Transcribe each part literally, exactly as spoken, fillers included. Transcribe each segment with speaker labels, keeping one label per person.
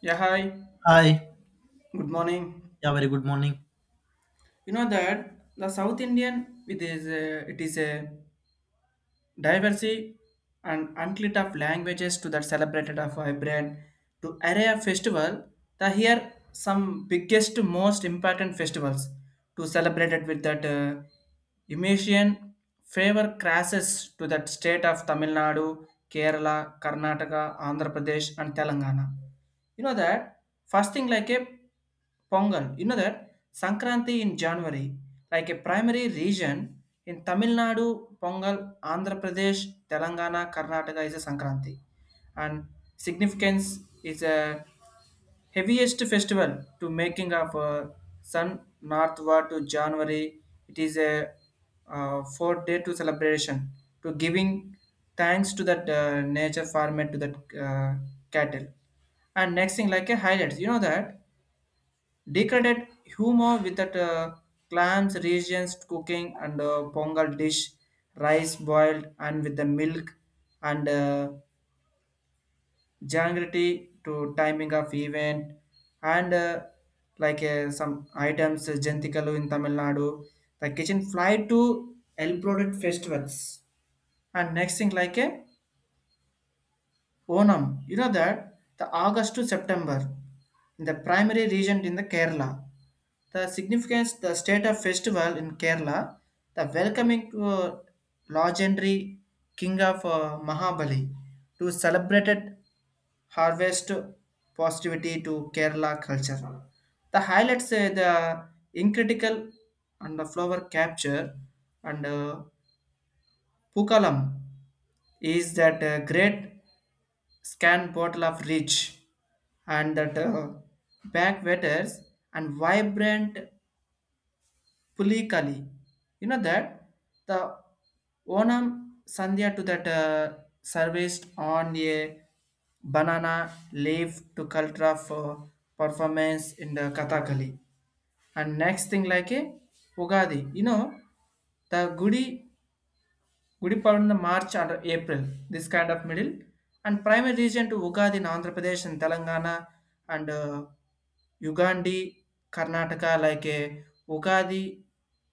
Speaker 1: Yeah, hi.
Speaker 2: Hi.
Speaker 1: Good morning.
Speaker 2: Yeah, very good morning.
Speaker 1: You know that the South Indian it is a, it is a diversity and unclit of languages to that celebrated of vibrant to array of festival. The here some biggest most important festivals to celebrate it with that uh, Emission favor crashes to that state of Tamil Nadu, Kerala, Karnataka, Andhra Pradesh and Telangana. You know that fasting like a Pongal. You know that Sankranti in January, like a primary region in Tamil Nadu, Pongal, Andhra Pradesh, Telangana, Karnataka is a Sankranti, and significance is a heaviest festival to making of uh, sun northward to January. It is a uh, four day to celebration to giving thanks to that uh, nature farmer to that uh, cattle. And next thing like a highlights, you know that decorated humor with that uh, clams, regions cooking and uh, pongal dish, rice boiled and with the milk and uh, Jangrity to timing of event and uh, like uh, some items uh, Jantikalu in Tamil Nadu. The kitchen fly to elaborate festivals. And next thing like a Onam. You know that the August to September in the primary region in the Kerala. The significance the state of festival in Kerala, the welcoming to uh, legendary king of uh, Mahabali to celebrated harvest positivity to Kerala culture. The highlights uh, the incritical and the flower capture and uh, pukalam is that uh, great scan bottle of rich and that uh, backwatters and vibrant Pulikali. You know that the Onam Sandhya to that uh, serviced on a banana leaf to culture for performance in the Kathakali. And next thing like a Ugadi. You know the Gudi Gudi Padna March and April, this kind of middle, and primary region to Ugadi in Andhra Pradesh and Telangana and uh, Ugandi, Karnataka, like a Ugadi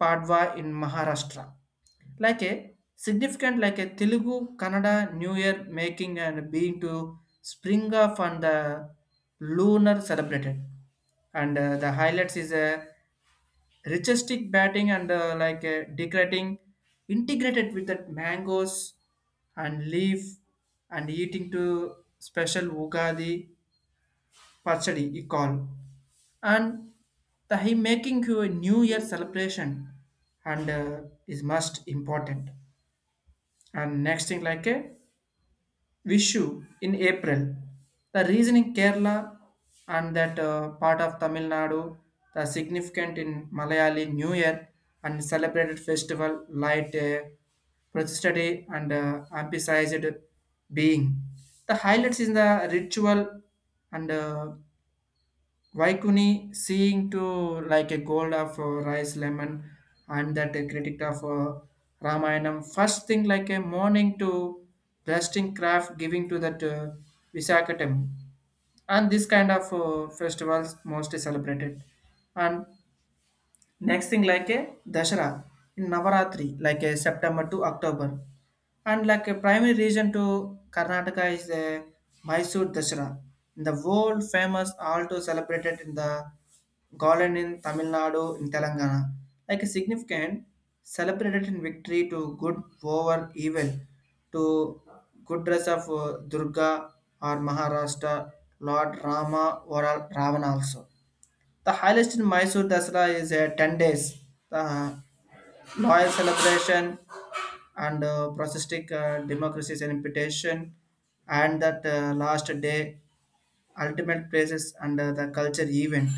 Speaker 1: Padwa in Maharashtra, like a significant like a Telugu, Kannada New Year making and being to spring off on the lunar celebrated, and uh, the highlights is a Richestic batting and uh, like uh, decorating integrated with that mangoes and leaf and eating to special Ugadi pachadi he call and the he making you a new year celebration and uh, is most important. And next thing like a Vishu in April. The reason in Kerala and that uh, part of Tamil Nadu, the significant in Malayali New Year and celebrated festival light uh, persisted and uh, emphasized being. The highlights in the ritual and uh, Waikuni seeing to like a gold of uh, rice lemon and that a critic of uh, Ramayanam. First thing like a morning to blasting craft giving to that uh, Visakatam. And this kind of uh, festivals mostly celebrated. And next thing like a Dashara in Navaratri like a September to October. And like a primary reason to Karnataka is the Mysore Dasara, the world famous also celebrated in the Golden in Tamil Nadu in Telangana. Like a significant celebrated in victory to good over evil to good dress of uh, Durga or Maharashtra Lord Rama or Ravana also. The highest in Mysore Dasara is uh, ten days. The loyal celebration and uh, processistic uh, democracy's imputation and that uh, last day ultimate places under the culture event.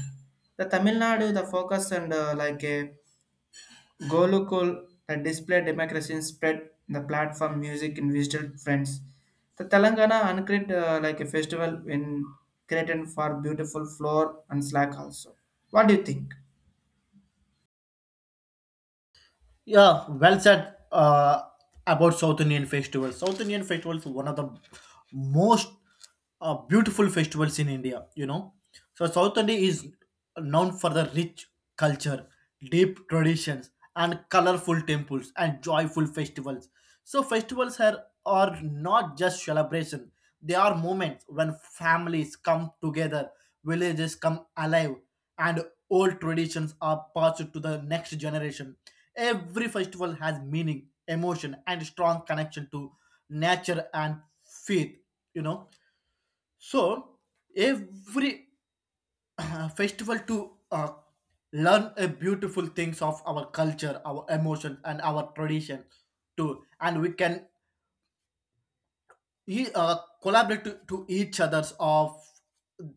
Speaker 1: The Tamil Nadu, the focus and uh, like a Golukul, the display democracy in spread the platform music in digital friends. The Telangana uncreate uh, like a festival in created for beautiful floor and slack also. What do you think?
Speaker 2: Yeah, well said uh, about South Indian festivals. South Indian festivals one of the most uh, beautiful festivals in India, you know. So South India is known for the rich culture, deep traditions, and colorful temples and joyful festivals. So festivals are, are not just celebration. They are moments when families come together, villages come alive and old traditions are passed to the next generation. Every festival has meaning, emotion, and strong connection to nature and faith. You know, so every festival to uh, learn a beautiful things of our culture, our emotion, and our tradition too, and we can he uh, collaborate to, to each other's of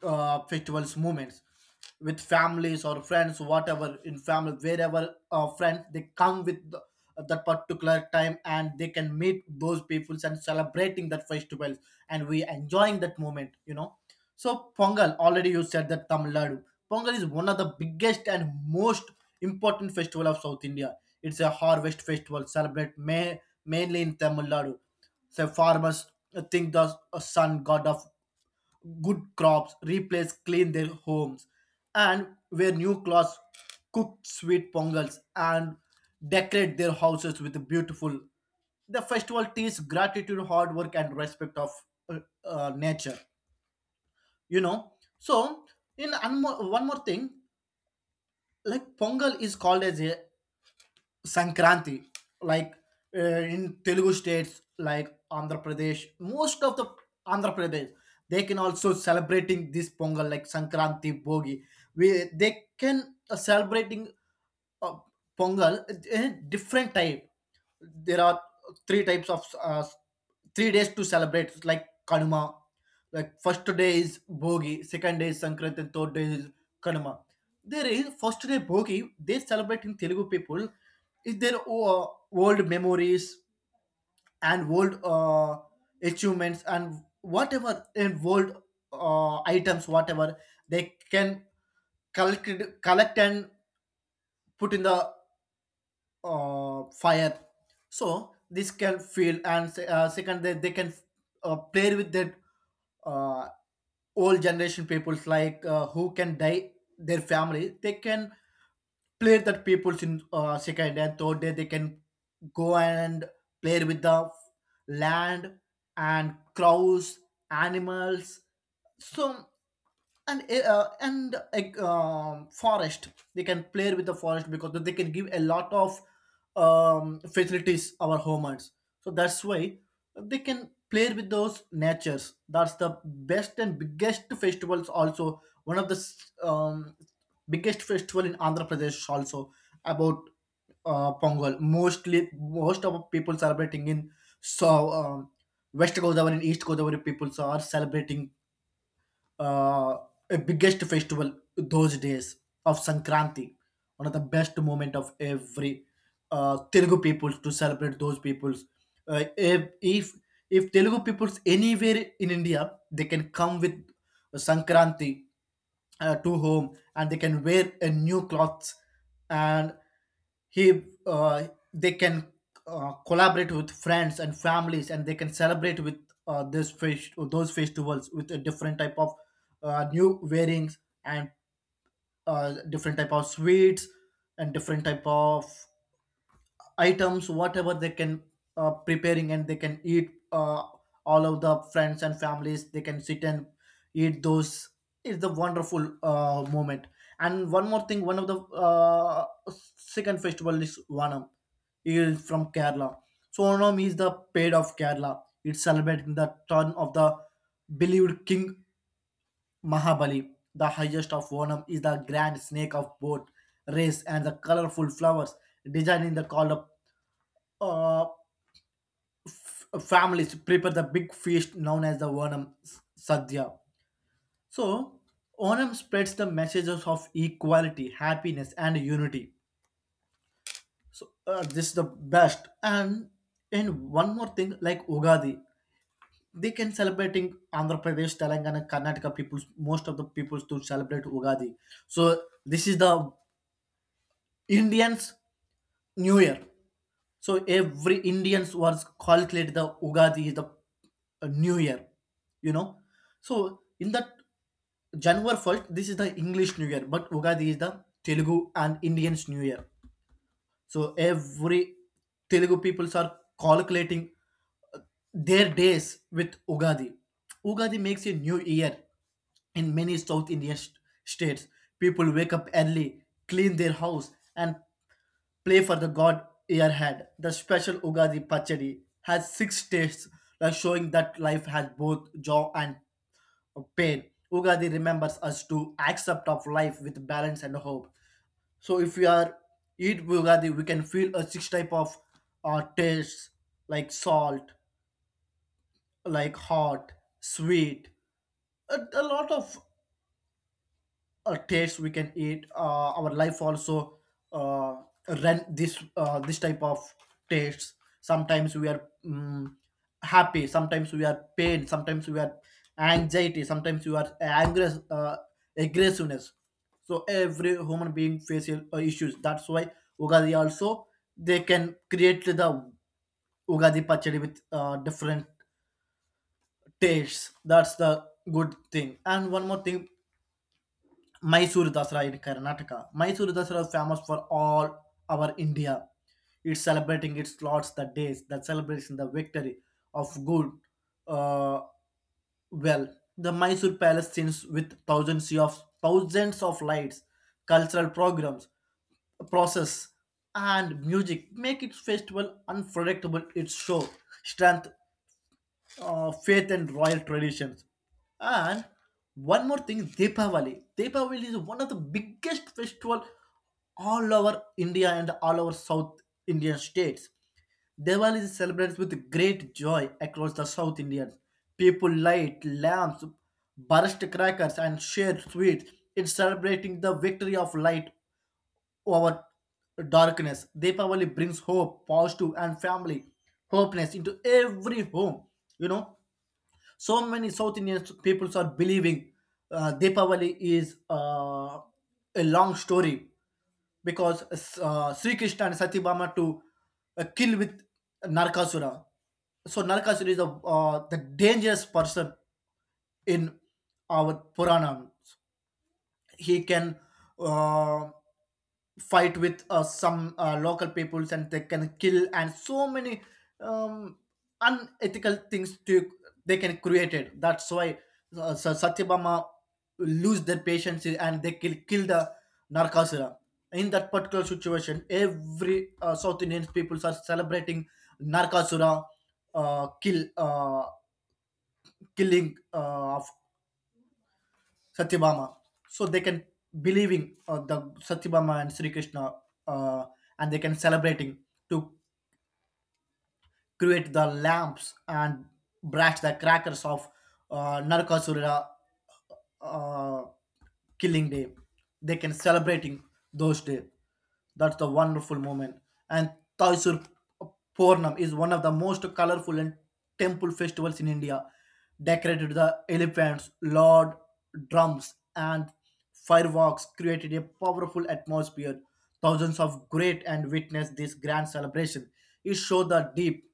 Speaker 2: uh, festivals moments with families or friends whatever in family wherever uh, friends they come with the, that particular time and they can meet those peoples and celebrating that festivals and we enjoying that moment you know So Pongal, already you said that Tamil Nadu. Pongal is one of the biggest and most important festival of South India. It's a harvest festival celebrate may, mainly in Tamil Nadu. So farmers think the sun god of good crops, replace, clean their homes, and wear new clothes, cook sweet pongals, and decorate their houses with the beautiful. The festival teaches gratitude, hard work, and respect of uh, uh, nature. You know, so in anmo- one more thing, like Pongal is called as a Sankranti like uh, in Telugu states like Andhra Pradesh. Most of the Andhra Pradesh they can also celebrating this Pongal like Sankranti, Bogi. We they can uh, celebrating uh, Pongal eh, different type. There are three types of uh, three days to celebrate like Kanuma. Like first day is Bogi, second day is Sankranti, and third day is Kanuma. There is first day Bogi, they celebrate in Telugu people is their uh, old memories and old uh, achievements and whatever and old uh, items whatever they can collect collect and put in the uh, fire. So this can feel and se- uh, second they, they can uh, play with that uh, old generation peoples like uh, who can die their family. They can play that peoples in uh, second and third day they can go and play with the land and crows, animals. So and eh, uh, and like um, forest, they can play with the forest because they can give a lot of um, facilities our humans. So that's why they can play with those natures. That's the best and biggest festivals, also one of the s- um, biggest festival in Andhra Pradesh also. About uh, Pongal, mostly most of people celebrating in so um, West Godavari and East Godavari people are celebrating uh, a biggest festival those days of Sankranti, one of the best moment of every uh, Telugu peoples to celebrate those peoples. Uh, if if if Telugu peoples anywhere in India, they can come with Sankranti uh, to home and they can wear a new clothes and he uh, they can uh, collaborate with friends and families, and they can celebrate with uh, this fest- those festivals with a different type of uh, new wearings and uh, different type of sweets and different type of items whatever they can uh, preparing and they can eat uh, all of the friends and families they can sit and eat those. It's the wonderful uh, moment. And one more thing, one of the uh, second festival is Vanam. He is from Kerala. So Onam is the paid of Kerala. It's celebrating the turn of the believed king Mahabali. The highest of Onam is the grand snake of boat race and the colorful flowers, designing the called uh, families prepare the big feast known as the Onam S- Sadhya. So Onam spreads the messages of equality, happiness, and unity. So, uh, this is the best. And in one more thing, like Ugadi, they can celebrating Andhra Pradesh, Telangana, Karnataka peoples, most of the peoples to celebrate Ugadi. So this is the Indians' New Year. So every Indians was calculate the Ugadi, the uh, New Year, you know. So in that January first, this is the English New Year, but Ugadi is the Telugu and Indians New Year. So every Telugu peoples are calculating uh, their days with Ugadi. Ugadi makes a new year in many South Indian st- states. People wake up early, clean their house, and play for the God Earhead. The special Ugadi Pachadi has six tastes, like showing that life has both joy and pain. Ugadi remembers us to accept of life with balance and hope. So if we are eat Ugadi, we can feel a six type of uh, tastes like salt, like hot, sweet, a, a lot of uh, taste we can eat uh, our life also uh, run this uh, this type of tastes. Sometimes we are um, happy, sometimes we are pain, sometimes we are anxiety, sometimes we are angry, uh, aggressiveness. So every human being faces uh, issues. That's why Ugadi also they can create the Ugadi Pachadi with uh, different tastes. That's the good thing. And one more thing, Mysore Dasara in Karnataka. Mysore Dasara is famous for all our India. It's celebrating its lots, the days that celebrates the victory of good. Uh, well, the Mysore Palace scenes with thousands of thousands of lights, cultural programs, process, and music make its festival unpredictable. Its show strength uh, faith and royal traditions. And one more thing, Deepavali. Deepavali is one of the biggest festival all over India and all over South Indian states. Diwali is celebrated with great joy across the South Indians. People light lamps, burst crackers, and share sweets in celebrating the victory of light over darkness. Deepavali brings hope, positive, and family hopeness into every home. You know, so many South Indian peoples are believing uh, Deepavali is uh, a long story, because uh, Sri Krishna and Satibama to uh, kill with Narkasura. So Narkasura is a, uh, the dangerous person in our puranas. He can uh, fight with uh, some uh, local peoples and they can kill and so many um, unethical things to they can create it. That's why, uh, so Satyabama lose their patience and they kill kill the Narcasura. In that particular situation every uh, South Indian peoples are celebrating Narcasura, uh, kill uh, killing uh, of Satyabama. So they can believing uh, the Satyabama and Sri Krishna, uh, and they can celebrating to create the lamps and brash the crackers of uh, Narakasura uh, killing day. They can celebrating those day. That's the wonderful moment. And Thaisur Purnam is one of the most colorful and temple festivals in India. Decorated with the elephants, lord, drums, and fireworks created a powerful atmosphere. Thousands of great and witnessed this grand celebration. It showed the deep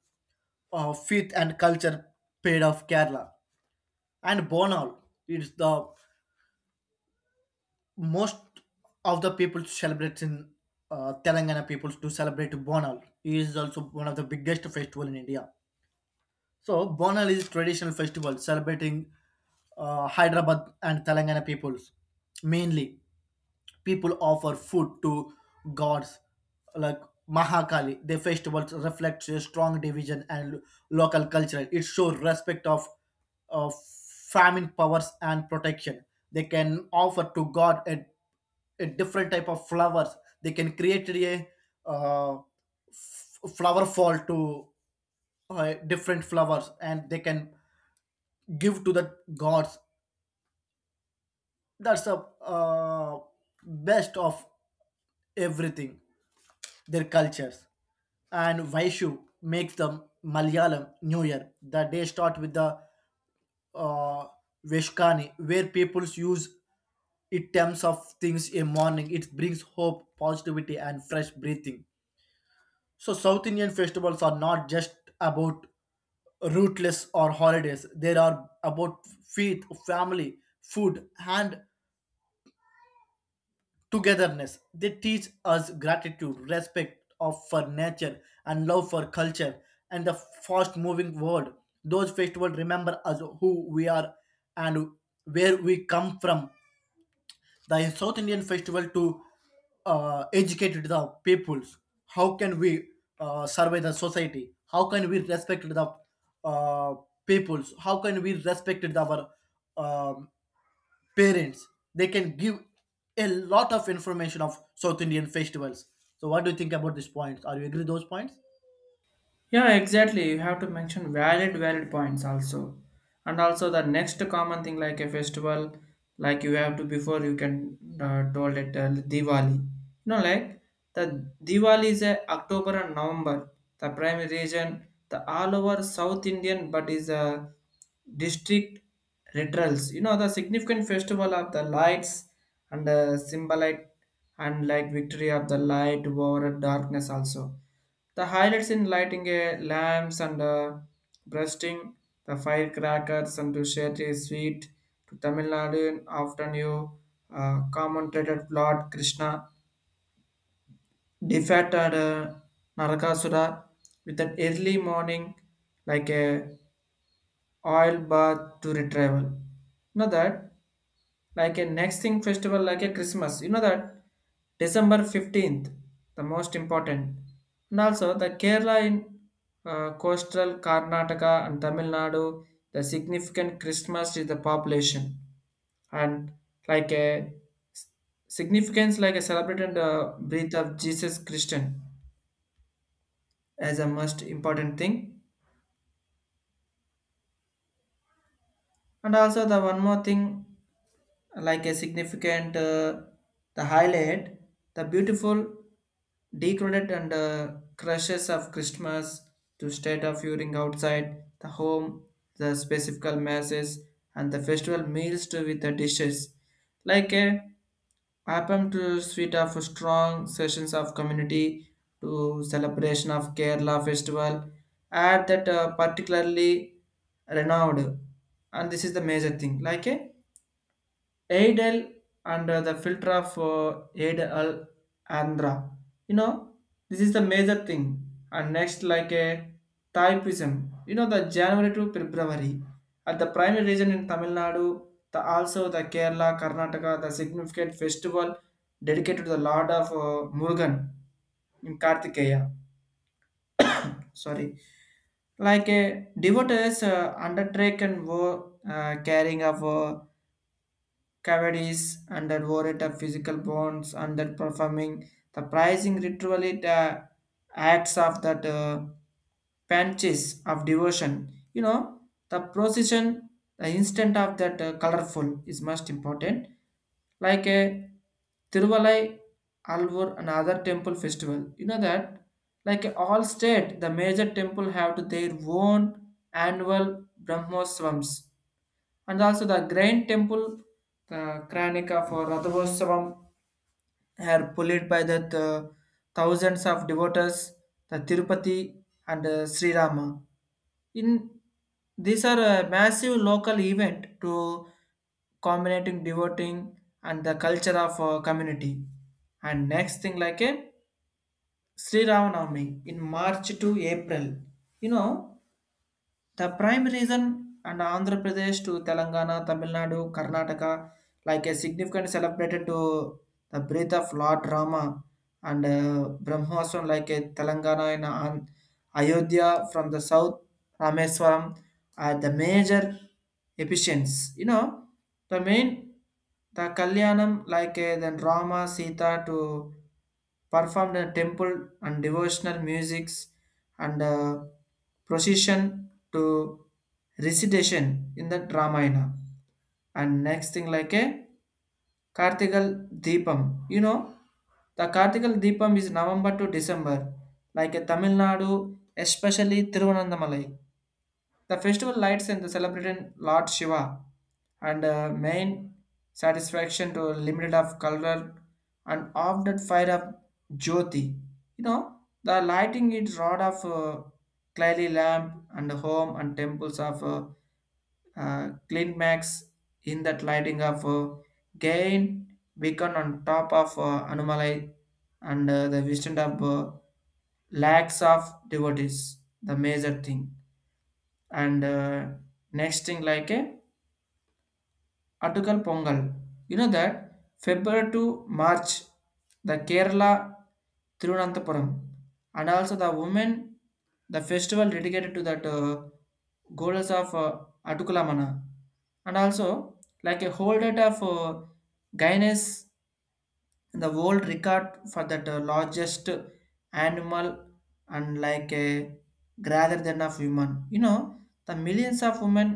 Speaker 2: uh, faith and culture paid of Kerala. And Bonal is the most of the people to celebrate in uh, Telangana. People to celebrate Bonal. It is also one of the biggest festival in India. So Bonal is traditional festival celebrating uh, Hyderabad and Telangana peoples mainly. People offer food to gods like Mahakali. Their festivals reflect a strong division and local culture. It shows respect of, of famine powers and protection. They can offer to God a, a different type of flowers. They can create a uh, f- flower fall to uh, different flowers and they can give to the gods. That's the uh, best of everything, their cultures. And Vaishu makes the Malayalam New Year. The day start with the uh, Veshkani, where peoples use it terms of things in morning. It brings hope, positivity, and fresh breathing. So South Indian festivals are not just about rootless or holidays. They are about faith, family, food, and togetherness. They teach us gratitude, respect of for nature, and love for culture and the fast-moving world. Those festivals remember us who we are and where we come from. The South Indian festival to uh, educate the peoples. How can we uh, survey the society? How can we respect the uh, peoples? How can we respect the, our um, parents? They can give a lot of information of South Indian festivals. So what do you think about these points? Are you agree those points?
Speaker 1: Yeah, exactly. You have to mention valid, valid points also. And also the next common thing like a festival, like you have to before you can uh, told it uh, Diwali. You know, like the Diwali is a October and November. The primary region, the all over South Indian, but is a district rituals. You know, the significant festival of the lights and the symbolite and like victory of the light over darkness also the highlights in lighting a lamps and uh, breasting the firecrackers and to share the sweet to Tamil Nadu after you uh, commentated Lord Krishna defected uh, Narakasura with an early morning like a oil bath to retrieval. Know that like a next thing festival like a Christmas, you know that December fifteenth the most important and also the Kerala in uh, coastal Karnataka and Tamil Nadu. The significant Christmas is the population and like a s- significance like a celebrated uh, birth of Jesus Christian as a most important thing. And also the one more thing like a significant uh, the highlight the beautiful decorated and uh, crushes of Christmas to state of viewing outside the home, the specific masses and the festival meals too with the dishes like a happen to suite of strong sessions of community to celebration of Kerala festival at that uh, particularly renowned. And this is the major thing like a Adel and uh, the filter of uh, Adel Andhra. You know, this is the major thing. And next, like a typism. You know, the January to February at the primary region in Tamil Nadu, the also the Kerala, Karnataka, the significant festival dedicated to the Lord of uh, Murugan in Kartikeya. Sorry, like a devotees uh, undertaken war uh, carrying of uh, cavities under that warrant of physical bonds under performing the pricing ritually the acts of that uh, panches of devotion, you know, the procession the instant of that uh, colorful is most important like a Tiruvalai, Alvur, and other temple festival. You know that, like uh, all state, the major temple have to their own annual Brahmosvams and also the grand temple, the Kranika for Radhavastavam, are pulled by the th- thousands of devotees, the Tirupati and uh, Sri Rama. In these are a massive local event to combinating devoting and the culture of uh, community. And next thing like a Sri Ramanavami in March to April. You know, the prime reason and Andhra Pradesh to Telangana, Tamil Nadu, Karnataka, like a significant celebrated to the breath of Lord Rama and uh, Brahmaswan like a Telangana and Ayodhya from the south, Rameswaram are the major epicents. You know, the main the Kalyanam like uh, then Rama Sita to perform the temple and devotional musics and uh, procession to recitation in the Ramayana. And next thing like a Kartigal Deepam. You know, the Kartigal Deepam is November to December, like a Tamil Nadu, especially Tiruvananthamalai. The festival lights and the celebrating Lord Shiva and uh, main satisfaction to limited of color and of that fire of Jyoti. You know, the lighting is rod of uh, clearly lamp and home and temples of uh, uh, clean max in that lighting of uh, gain beacon on top of uh, anomaly and uh, the vision of uh, lakhs of devotees the major thing. And uh, next thing like a Attukal Pongal. You know that February to March, the Kerala Thiruvananthapuram, and also the women, the festival dedicated to that uh, goddess of uh, Attukalamana, and also like a whole date of uh, Gaines and the world record for that uh, largest animal and like a rather than of human, you know the millions of women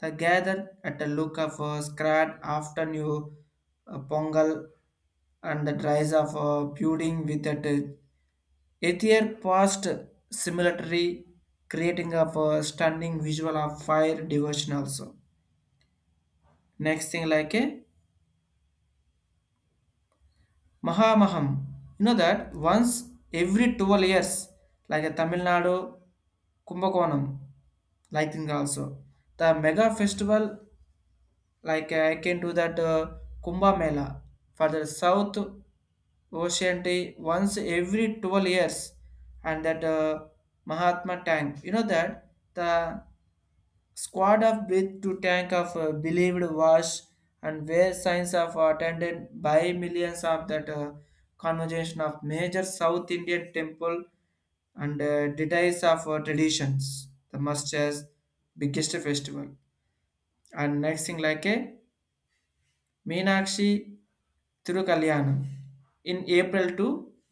Speaker 1: that gather at a look of a scrat after new uh, pongal and the rise of uh, building with that uh, ether past similatory creating of a stunning visual of fire devotion also. Next thing like a Mahamaham. You know that once every twelve years, like a Tamil Nadu Kumbakonam, like thing also. The mega festival, like uh, I can do that uh, Kumbh Mela for the South Ocean Day once every twelve years, and that uh, Mahatma Tank. You know that the Squad of with to tank of uh, believed wash and where signs of attended by millions of that uh, conversation of major South Indian temple and uh, details of uh, traditions, the must as biggest festival. And next thing like a Meenakshi Thirukalyanam in April to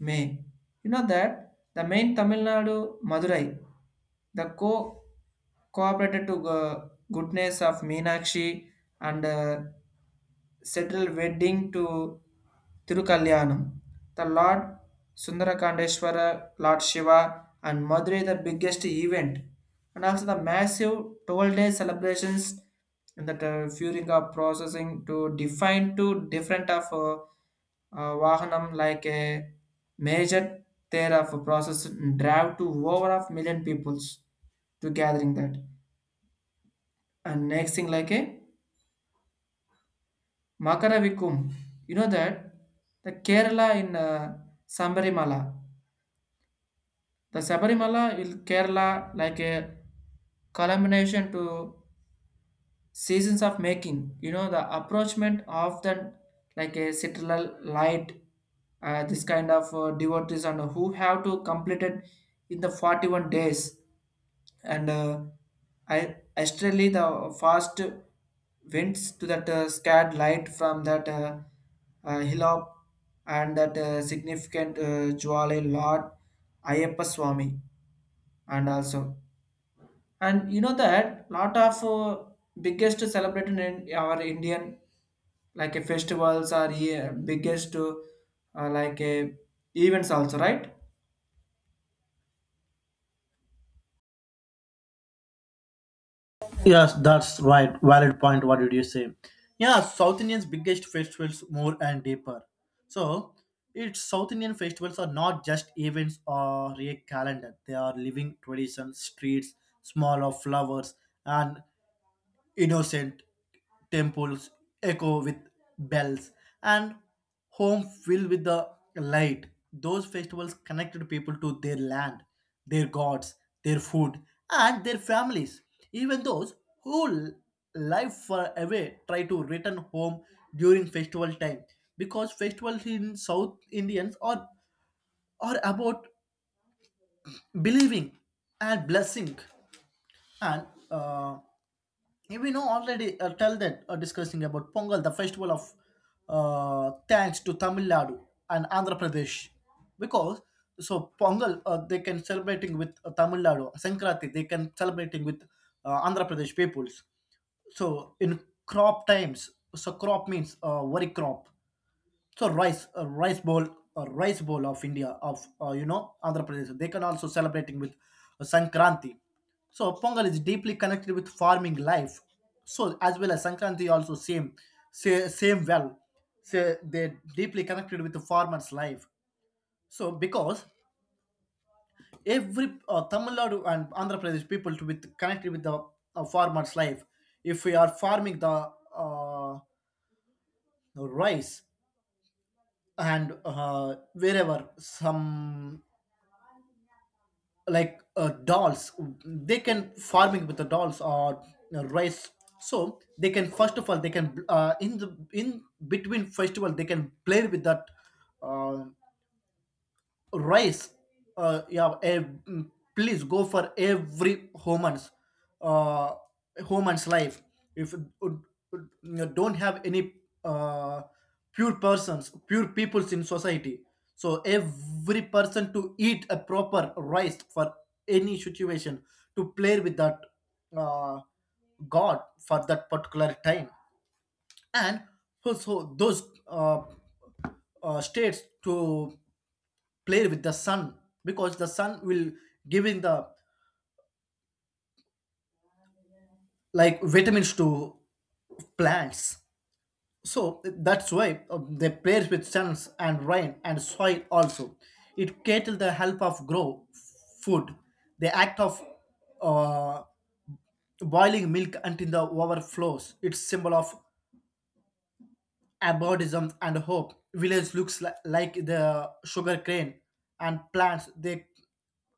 Speaker 1: May. You know that the main Tamil Nadu Madurai, the co cooperated to go- goodness of Meenakshi and uh, settled wedding to Tirukalyanam. The Lord Sundarakandeshwara, Lord Shiva, and Madurai the biggest event, and also the massive twelve day celebrations in the uh, during of processing to define two different of uh, uh, Vahanam like a major there of process drive to over of million peoples to gathering that. And next thing like a Makaravikum, you know that the Kerala in uh, Sambarimala. The Sabarimala will Kerala like a culmination to seasons of making. You know, the approachment often like a citadel light, uh, this kind of uh, devotees and who have to complete it in the forty-one days. And uh, I astrally the fast winds to that uh, scared light from that uh, uh, hillop and that uh, significant uh, Jwale Lord Ayappa Swami and also and you know that lot of uh, biggest celebrated in our indian like a festivals are here biggest uh, uh, like a events also, right?
Speaker 2: Yes, that's right. Valid point. What did you say? Yeah, South Indians' biggest festivals more and deeper. So its South Indian festivals are not just events or a calendar. They are living traditions, streets, small of flowers, and innocent temples echo with bells, and home filled with the light. Those festivals connected people to their land, their gods, their food, and their families. Even those who l- live far away try to return home during festival time, because festivals in south indians are are about believing and blessing. And uh, Yeah, we know already, uh, tell that, uh, discussing about Pongal, the festival of, uh, thanks to Tamil Nadu and Andhra Pradesh. Because so Pongal, uh, they can celebrating with, uh, Tamil Nadu. Sankranti they can celebrating with uh, Andhra Pradesh peoples. So in crop times, so crop means, uh, worry crop, so rice, uh, rice bowl, uh, rice bowl of India. Of uh, you know Andhra Pradesh they can also celebrating with uh, Sankranti. So Pongal is deeply connected with farming life, so as well as Sankranti also same, say, same well, say, they deeply connected with the farmers life. So because every, uh, Tamil Nadu and Andhra Pradesh people to with connected with the uh, farmers life. If we are farming the, uh, rice, and, uh, wherever, some, like, uh, dolls. They can farming with the dolls or uh, rice. So they can first of all they can, uh, in the in between festival they can play with that, uh, rice. uh, yeah ev- mm, Please go for every woman's, uh woman's life. If you don't have any uh pure persons, pure peoples in society, so every person to eat a proper rice for any situation, to play with that uh god for that particular time. And also those uh, uh states to play with the sun, because the sun will giving the like vitamins to plants. So that's why uh, they play with suns and rain and soil also. It cattle the help of grow food. The act of uh, boiling milk until the overflows it's symbol of abordism and hope. Village looks li- like the sugar cane and plants, they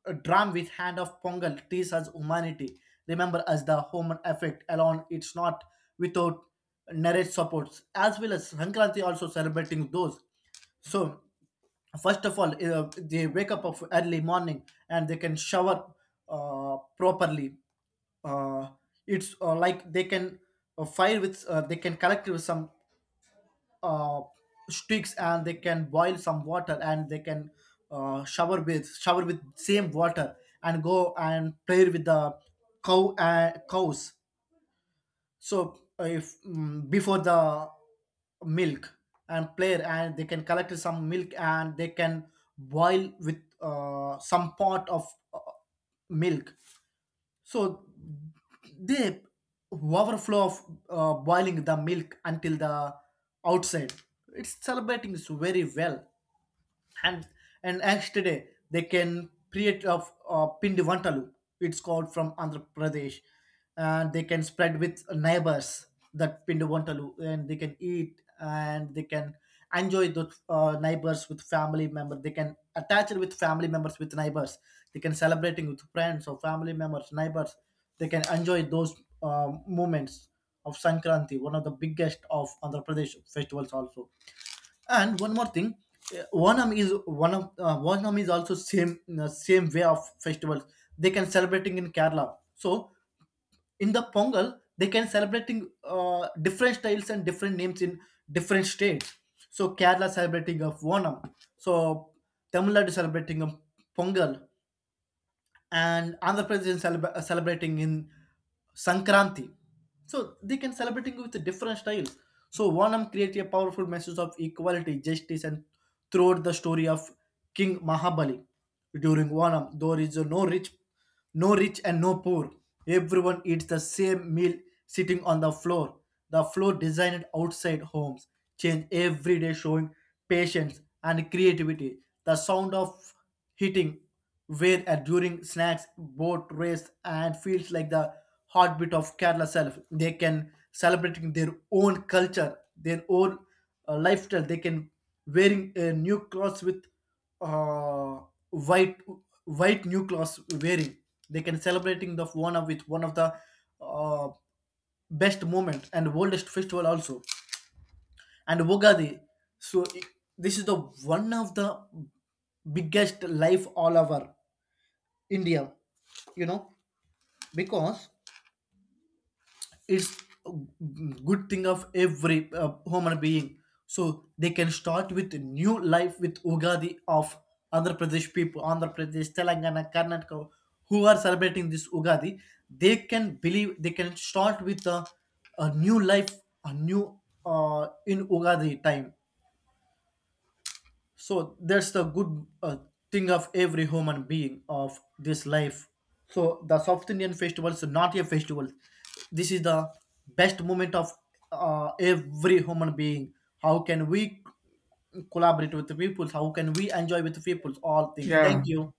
Speaker 2: uh, drum with hand of Pongal tease us humanity. Remember us the human effect alone, it's not without narrative supports, as well as Sankranti also celebrating those. So first of all, uh, they wake up of early morning and they can shower uh, properly. uh, it's, uh, like they can, uh, fire with, uh, they can collect with some uh, sticks, and they can boil some water, and they can uh, shower with shower with same water, and go and play with the cow and cows. So uh, if mm, before the milk and player, and they can collect some milk, and they can boil with, uh, some part of, uh, milk. So they overflow of uh, boiling the milk until the outside. It's celebrating so very well. And and next day they can create a, a pindi vantalu. It's called from Andhra Pradesh, and they can spread with neighbors that pindi vantalu, and they can eat, and they can enjoy the uh, neighbors with family members. They can attach it with family members with neighbors. They can celebrating with friends or family members, neighbors. They can enjoy those uh, moments of Sankranti, one of the biggest of Andhra Pradesh festivals also. And one more thing, uh, Onam is one of, uh, Onam is also same, uh, same way of festivals. They can celebrating in Kerala. So in the Pongal, they can celebrating uh, different styles and different names in different states. So Kerala celebrating of Onam. So Tamil Nadu celebrating of Pongal, and Andhra Pradesh is celeb- celebrating in Sankranti. So they can celebrating with different styles. So Onam creates a powerful message of equality, justice, and throughout the story of King Mahabali. During Onam, there is no rich, no rich and no poor. Everyone eats the same meal sitting on the floor. The floor designed outside homes change every day, showing patience and creativity. The sound of hitting where and during snacks, boat race, and feels like the heartbeat of Kerala self. They can celebrating their own culture, their own uh, lifestyle. They can wearing uh, new clothes with, uh, white, white new clothes wearing. They can celebrating the one of with one of the uh, best moment and oldest festival also. And Ugadi. so i- this is the one of the biggest life all over India, you know, because it's a good thing of every uh, human being. So they can start with a new life with Ugadi of Andhra Pradesh people. Andhra Pradesh, Telangana, Karnataka, who are celebrating this Ugadi, they can believe they can start with a, a new life, a new, uh, in Ugadi time. So that's the good, uh, thing of every human being of this life. So the south Indian festivals are not a festival. This is the best moment of uh, every human being. How can we collaborate with the people, how can we enjoy with the people, all things,
Speaker 1: Yeah.
Speaker 2: thank you.